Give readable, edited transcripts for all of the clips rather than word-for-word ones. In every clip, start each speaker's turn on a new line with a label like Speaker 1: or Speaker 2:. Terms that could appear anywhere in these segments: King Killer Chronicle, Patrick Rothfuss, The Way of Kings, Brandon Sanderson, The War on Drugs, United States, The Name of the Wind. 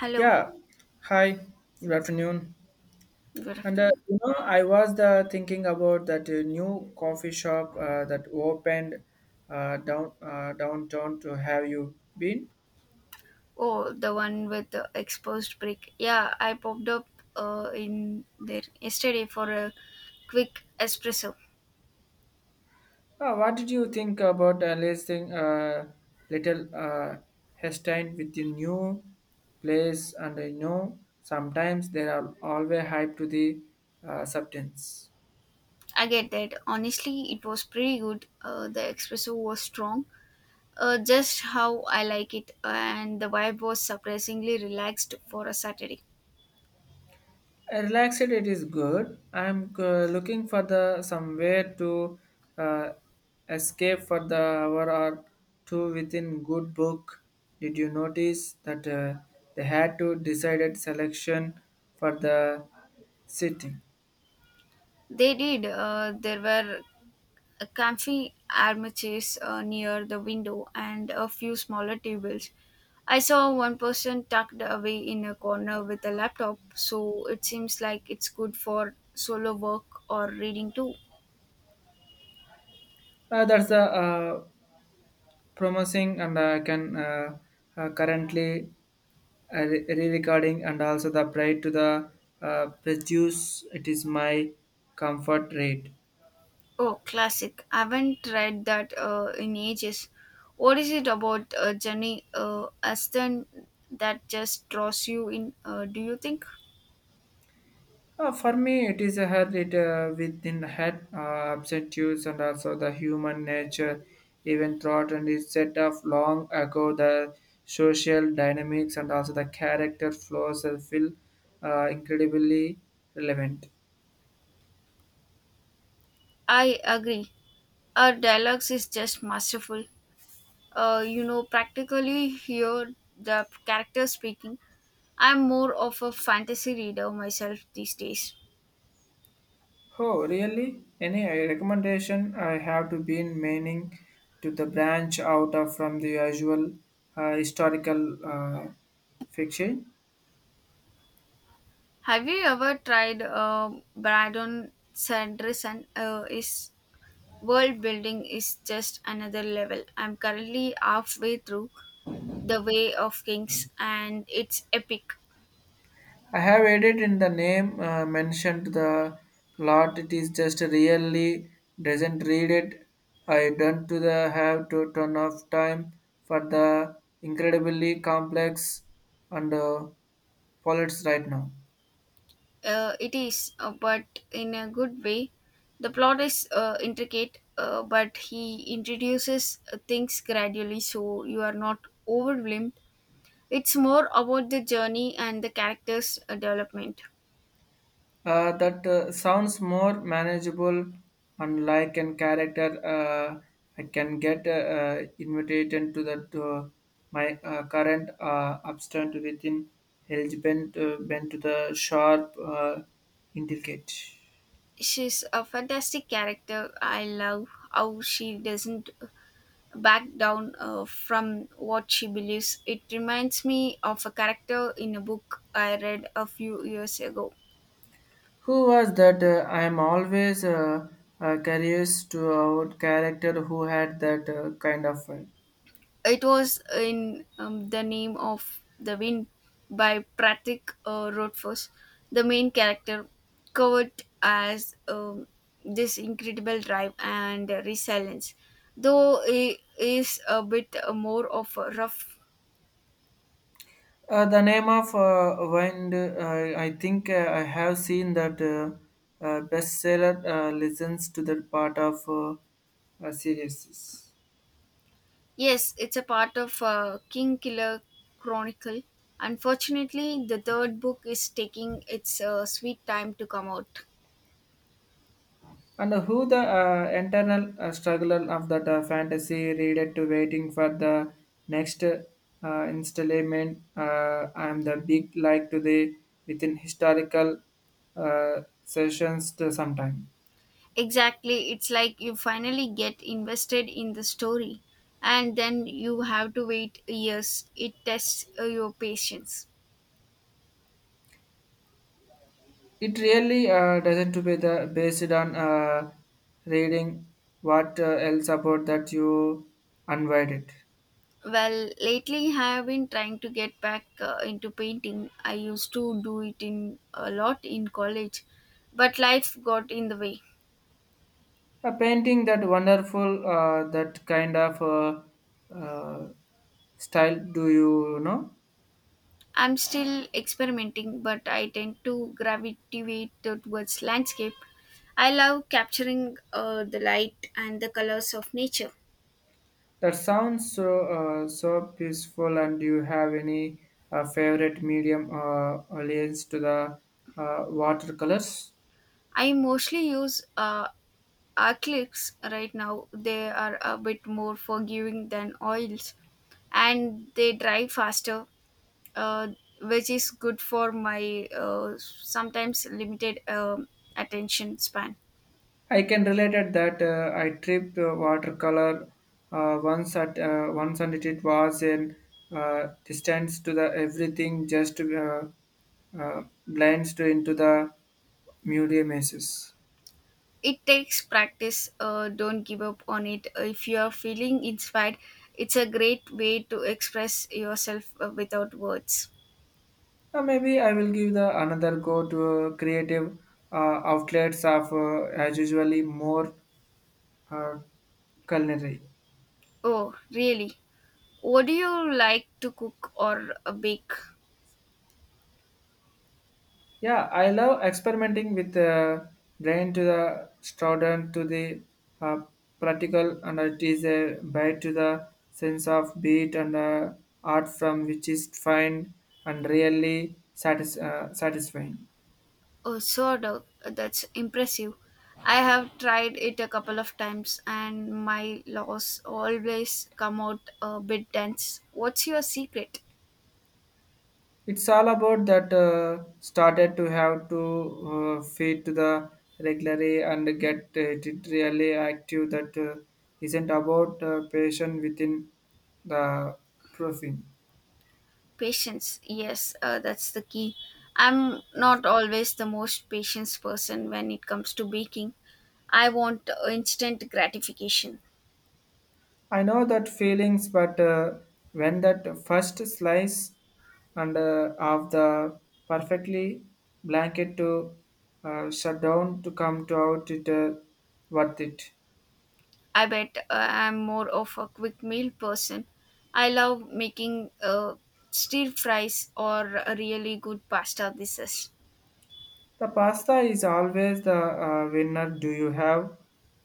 Speaker 1: Hello,
Speaker 2: Yeah. Hi. Good afternoon.
Speaker 1: good
Speaker 2: And
Speaker 1: afternoon.
Speaker 2: I was thinking about that new coffee shop that opened down downtown. To have you been?
Speaker 1: Oh, the one with the exposed brick. Yeah, I popped up in there yesterday for a quick espresso.
Speaker 2: What did you think about listing little Hestein with the new place? And I know sometimes there are always hype to the substance.
Speaker 1: I get that. Honestly, it was pretty good. The espresso was strong, just how I like it, and the vibe was surprisingly relaxed for a Saturday.
Speaker 2: Relaxed, it is good. I'm looking for the somewhere to uh, escape for the hour or two within good book. Did you notice that they had to decided selection for the sitting?
Speaker 1: They did. There were A comfy armchairs near the window and a few smaller tables. I saw one person tucked away in a corner with a laptop, so it seems like it's good for solo work or reading too.
Speaker 2: That's the promising, and I can currently re-recording and also the pride to the produce. It is my comfort rate.
Speaker 1: Oh, classic. I haven't read that in ages. What is it about Jenny Aston that just draws you in, do you think?
Speaker 2: For me, it is a habit within the head, objectives, and also the human nature, even thought, and is set off long ago. The social dynamics and also the character flaws feel incredibly relevant.
Speaker 1: I agree. Her dialogues is just masterful. Practically hear the characters speaking. I'm more of a fantasy reader myself these days.
Speaker 2: Oh, really? Any recommendation? I have to be in meaning to the branch out of from the usual historical fiction.
Speaker 1: Have you ever tried Brandon Sanderson? His world building is just another level. I'm currently halfway through The Way of Kings, and it's epic.
Speaker 2: I have added in the name mentioned the lot. It is just really doesn't read it. I don't to the have to ton of time for the incredibly complex and poets right now.
Speaker 1: It is, but in a good way. The plot is intricate, but he introduces things gradually so you are not overwhelmed. It's more about the journey and the character's development.
Speaker 2: That sounds more manageable and like an character uh, I can get invited into the to my current abstent within eligible bent to the sharp indicate.
Speaker 1: She's a fantastic character. I love how she doesn't back down from what she believes. It reminds me of a character in a book I read a few years ago.
Speaker 2: Who was that? I am always curious to our character who had that kind of vibe.
Speaker 1: It was in The Name of the Wind by Patrick Rothfuss. The main character, Kurt, as this incredible drive and resilience, though he is a bit more of a rough.
Speaker 2: The name of wine, I think I have seen that bestseller listens to that part of series.
Speaker 1: Yes, it's a part of King Killer Chronicle. Unfortunately, the third book is taking its sweet time to come out.
Speaker 2: And who the internal struggler of that fantasy reader to waiting for the next installment? I am the big like today within historical sessions to sometime.
Speaker 1: Exactly, it's like you finally get invested in the story and then you have to wait years. It tests your patience.
Speaker 2: It really doesn't to be the based on reading what else about that you unwind it.
Speaker 1: Well, lately I have been trying to get back into painting. I used to do it in a lot in college, but life got in the way.
Speaker 2: A painting that wonderful that kind of uh, style do you know
Speaker 1: I'm still experimenting, but I tend to gravitate towards landscape. I love capturing the light and the colors of nature.
Speaker 2: that sounds so so peaceful and do you have any favorite medium alliance to the watercolors
Speaker 1: I mostly use Our clicks right now they are a bit more forgiving than oils, and they dry faster, uh, which is good for my sometimes limited attention span.
Speaker 2: I can relate at that. I tripped watercolor once at once, and it was in distance to the everything, just blends to into the museum messes.
Speaker 1: It takes practice. Don't give up on it. If you are feeling inspired, it's a great way to express yourself without words.
Speaker 2: Maybe I will give the another go to creative uh, outlets of as usually more uh, culinary.
Speaker 1: Oh, really? What do you like to cook or bake?
Speaker 2: Yeah, I love experimenting with the brain to the student to the uh, practical, and it is a bite to the sense of beat and art from which is fine and really satisfying.
Speaker 1: Oh, sort of. That's impressive. I have tried it a couple of times and my laws always come out a bit dense. What's your secret?
Speaker 2: It's all about that started to have to feed to the regularly and get it really active that isn't about patient within the profile.
Speaker 1: Patience. Yes, that's the key. I'm not always the most patient person when it comes to baking. I want instant gratification.
Speaker 2: I know that feelings, but when that first slice and of the perfectly blanket to shut down to come to out, it worth it.
Speaker 1: I bet I'm more of a quick meal person. I love making stir fries or a really good pasta dishes.
Speaker 2: The pasta is always the winner. Do you have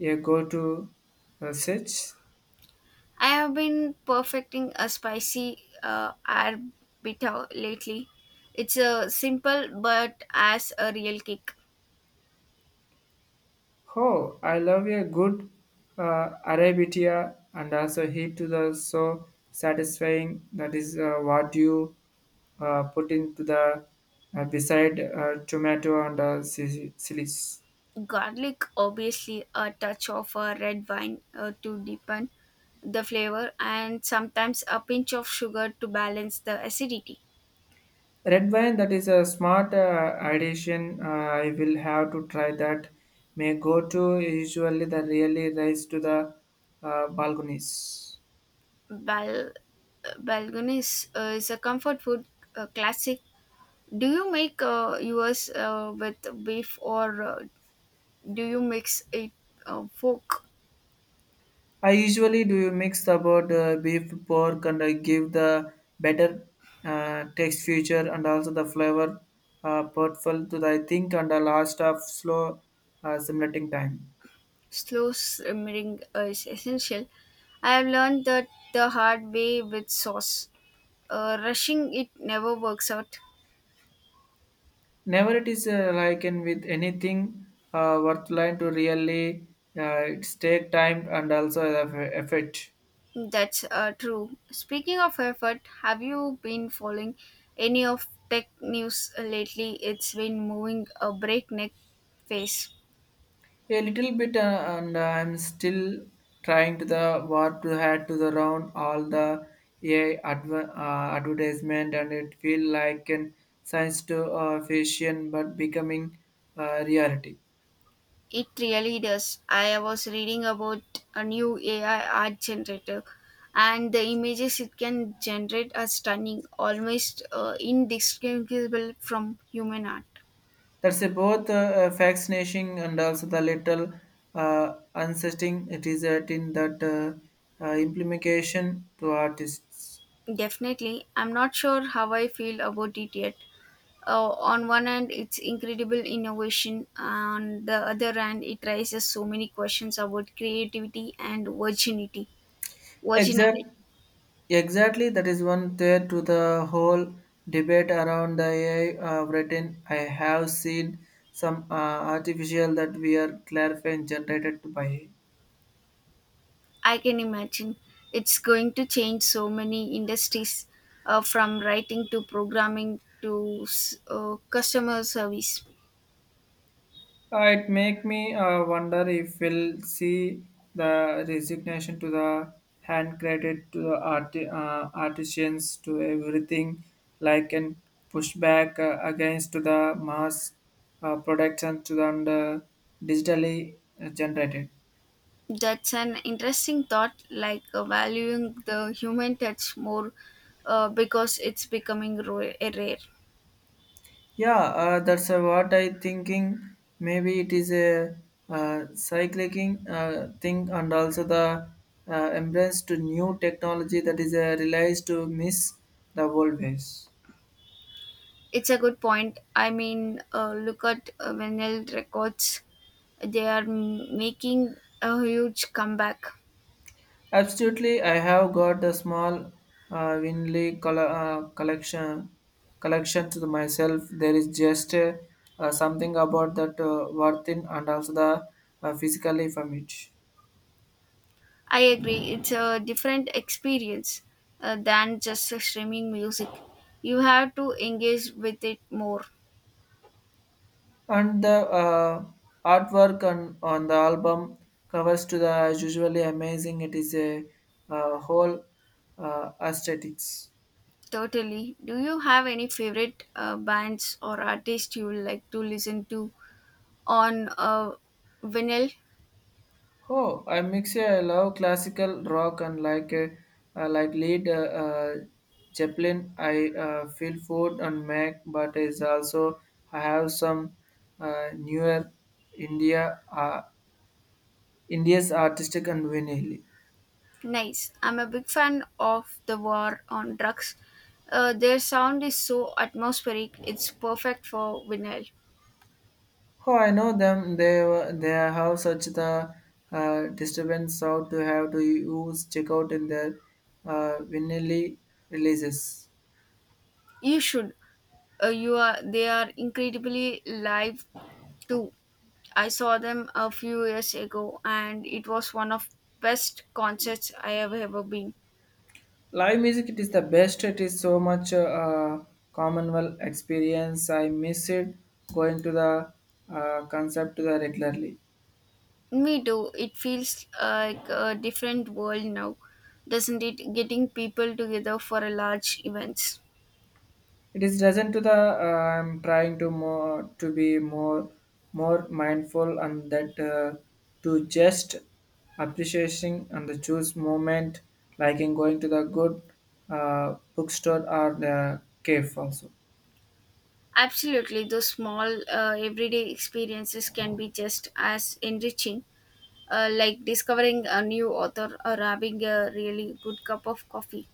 Speaker 2: a go-to such?
Speaker 1: I have been perfecting a spicy arbiter lately. It's a simple but as a real kick.
Speaker 2: Oh, I love a good Arabitia and also heat to the so satisfying. That is what you put into the beside tomato and chilies.
Speaker 1: Garlic, obviously, a touch of a red wine to deepen the flavor, and sometimes a pinch of sugar to balance the acidity.
Speaker 2: Red wine, that is a smart addition. I will have to try that. May go to usually the really rise to the balconies.
Speaker 1: Bal- Balgonis is a comfort food classic. Do you make yours with beef or do you mix it fork?
Speaker 2: I usually do mix about beef, pork, and I give the better text feature and also the flavor portfolio to the I think and the last of slow simulating time.
Speaker 1: Slow simmering is essential. I have learned that the hard way with sauce. Rushing it never works out.
Speaker 2: Never it is like in with anything worthwhile to really it's take time and also the effort.
Speaker 1: That's true. Speaking of effort, have you been following any of tech news lately? It's been moving a breakneck pace.
Speaker 2: A little bit, and I'm still trying to the what to head to the round all the AI advertisement, and it feel like an science to fiction, but becoming reality.
Speaker 1: It really does. I was reading about a new AI art generator, and the images it can generate are stunning, almost indistinguishable from human art.
Speaker 2: That's a both fascinating and also the little unsettling. It is that in that implication to artists.
Speaker 1: Definitely, I'm not sure how I feel about it yet. On one hand, it's incredible innovation, on the other hand, it raises so many questions about creativity and virginity.
Speaker 2: Exact.
Speaker 1: Virginality.
Speaker 2: Exactly, that is one thread to the whole debate around the AI written. I have seen some artificial that we are clarifying generated by AI.
Speaker 1: I can imagine it's going to change so many industries from writing to programming to customer service.
Speaker 2: It make me wonder if we'll see the resignation to the hand credit to the art, artisans to everything like an pushback against to the mass production to the and, digitally generated.
Speaker 1: That's an interesting thought, like valuing the human touch more because it's becoming rare.
Speaker 2: Yeah, that's what I thinking. Maybe it is a cycling thing, and also the embrace to new technology that is realized to miss the old ways.
Speaker 1: It's a good point. I mean, look at vinyl records, they are making a huge comeback.
Speaker 2: Absolutely, I have got the small winley collection to myself. There is just something about that worth in and also the physically from it.
Speaker 1: I agree. It's a different experience than just streaming music. You have to engage with it more.
Speaker 2: And the artwork on the album covers to the is usually amazing. It is a whole aesthetics.
Speaker 1: Totally. Do you have any favorite bands or artists you like to listen to on vinyl?
Speaker 2: Oh, I love classical rock and like lead Zeppelin. I feel food and Mac. But is also I have some newer India uh, India's artistic and vinyl.
Speaker 1: Nice. I'm a big fan of The War on Drugs. Their sound is so atmospheric. It's perfect for vinyl.
Speaker 2: Oh, I know them. They have such the disturbance out to have to use checkout in their vinyl releases.
Speaker 1: You should. You are. They are incredibly live too. I saw them a few years ago and it was one of best concerts I have ever been.
Speaker 2: Live music, it is the best. It is so much commonwealth experience. I miss it going to the concert to the regularly.
Speaker 1: Me too. It feels like a different world now, doesn't it? Getting people together for a large events.
Speaker 2: It is doesn't to the I'm trying to more to be more mindful and that to just appreciating and the choose moment like in going to the good bookstore or the cave also.
Speaker 1: Absolutely, those small everyday experiences can be just as enriching, like discovering a new author or having a really good cup of coffee.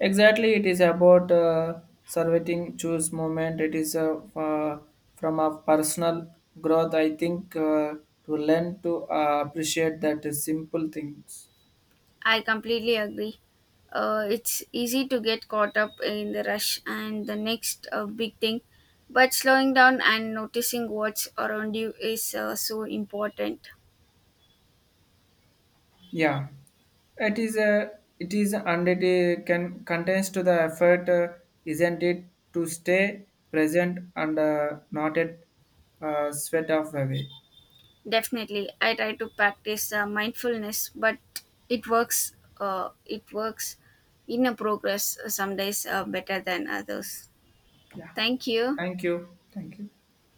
Speaker 2: Exactly, it is about surveying choose moment. It is from a personal growth. I think to learn to appreciate that simple things.
Speaker 1: I completely agree. It's easy to get caught up in the rush and the next big thing, but slowing down and noticing what's around you is so important.
Speaker 2: Yeah, it is a it is under the can contains to the effort, isn't it, to stay present and not at sweat off away.
Speaker 1: Definitely, I try to practice mindfulness, but it works. It works in a progress some days better than others.
Speaker 2: Yeah,
Speaker 1: Thank you.
Speaker 2: thank you,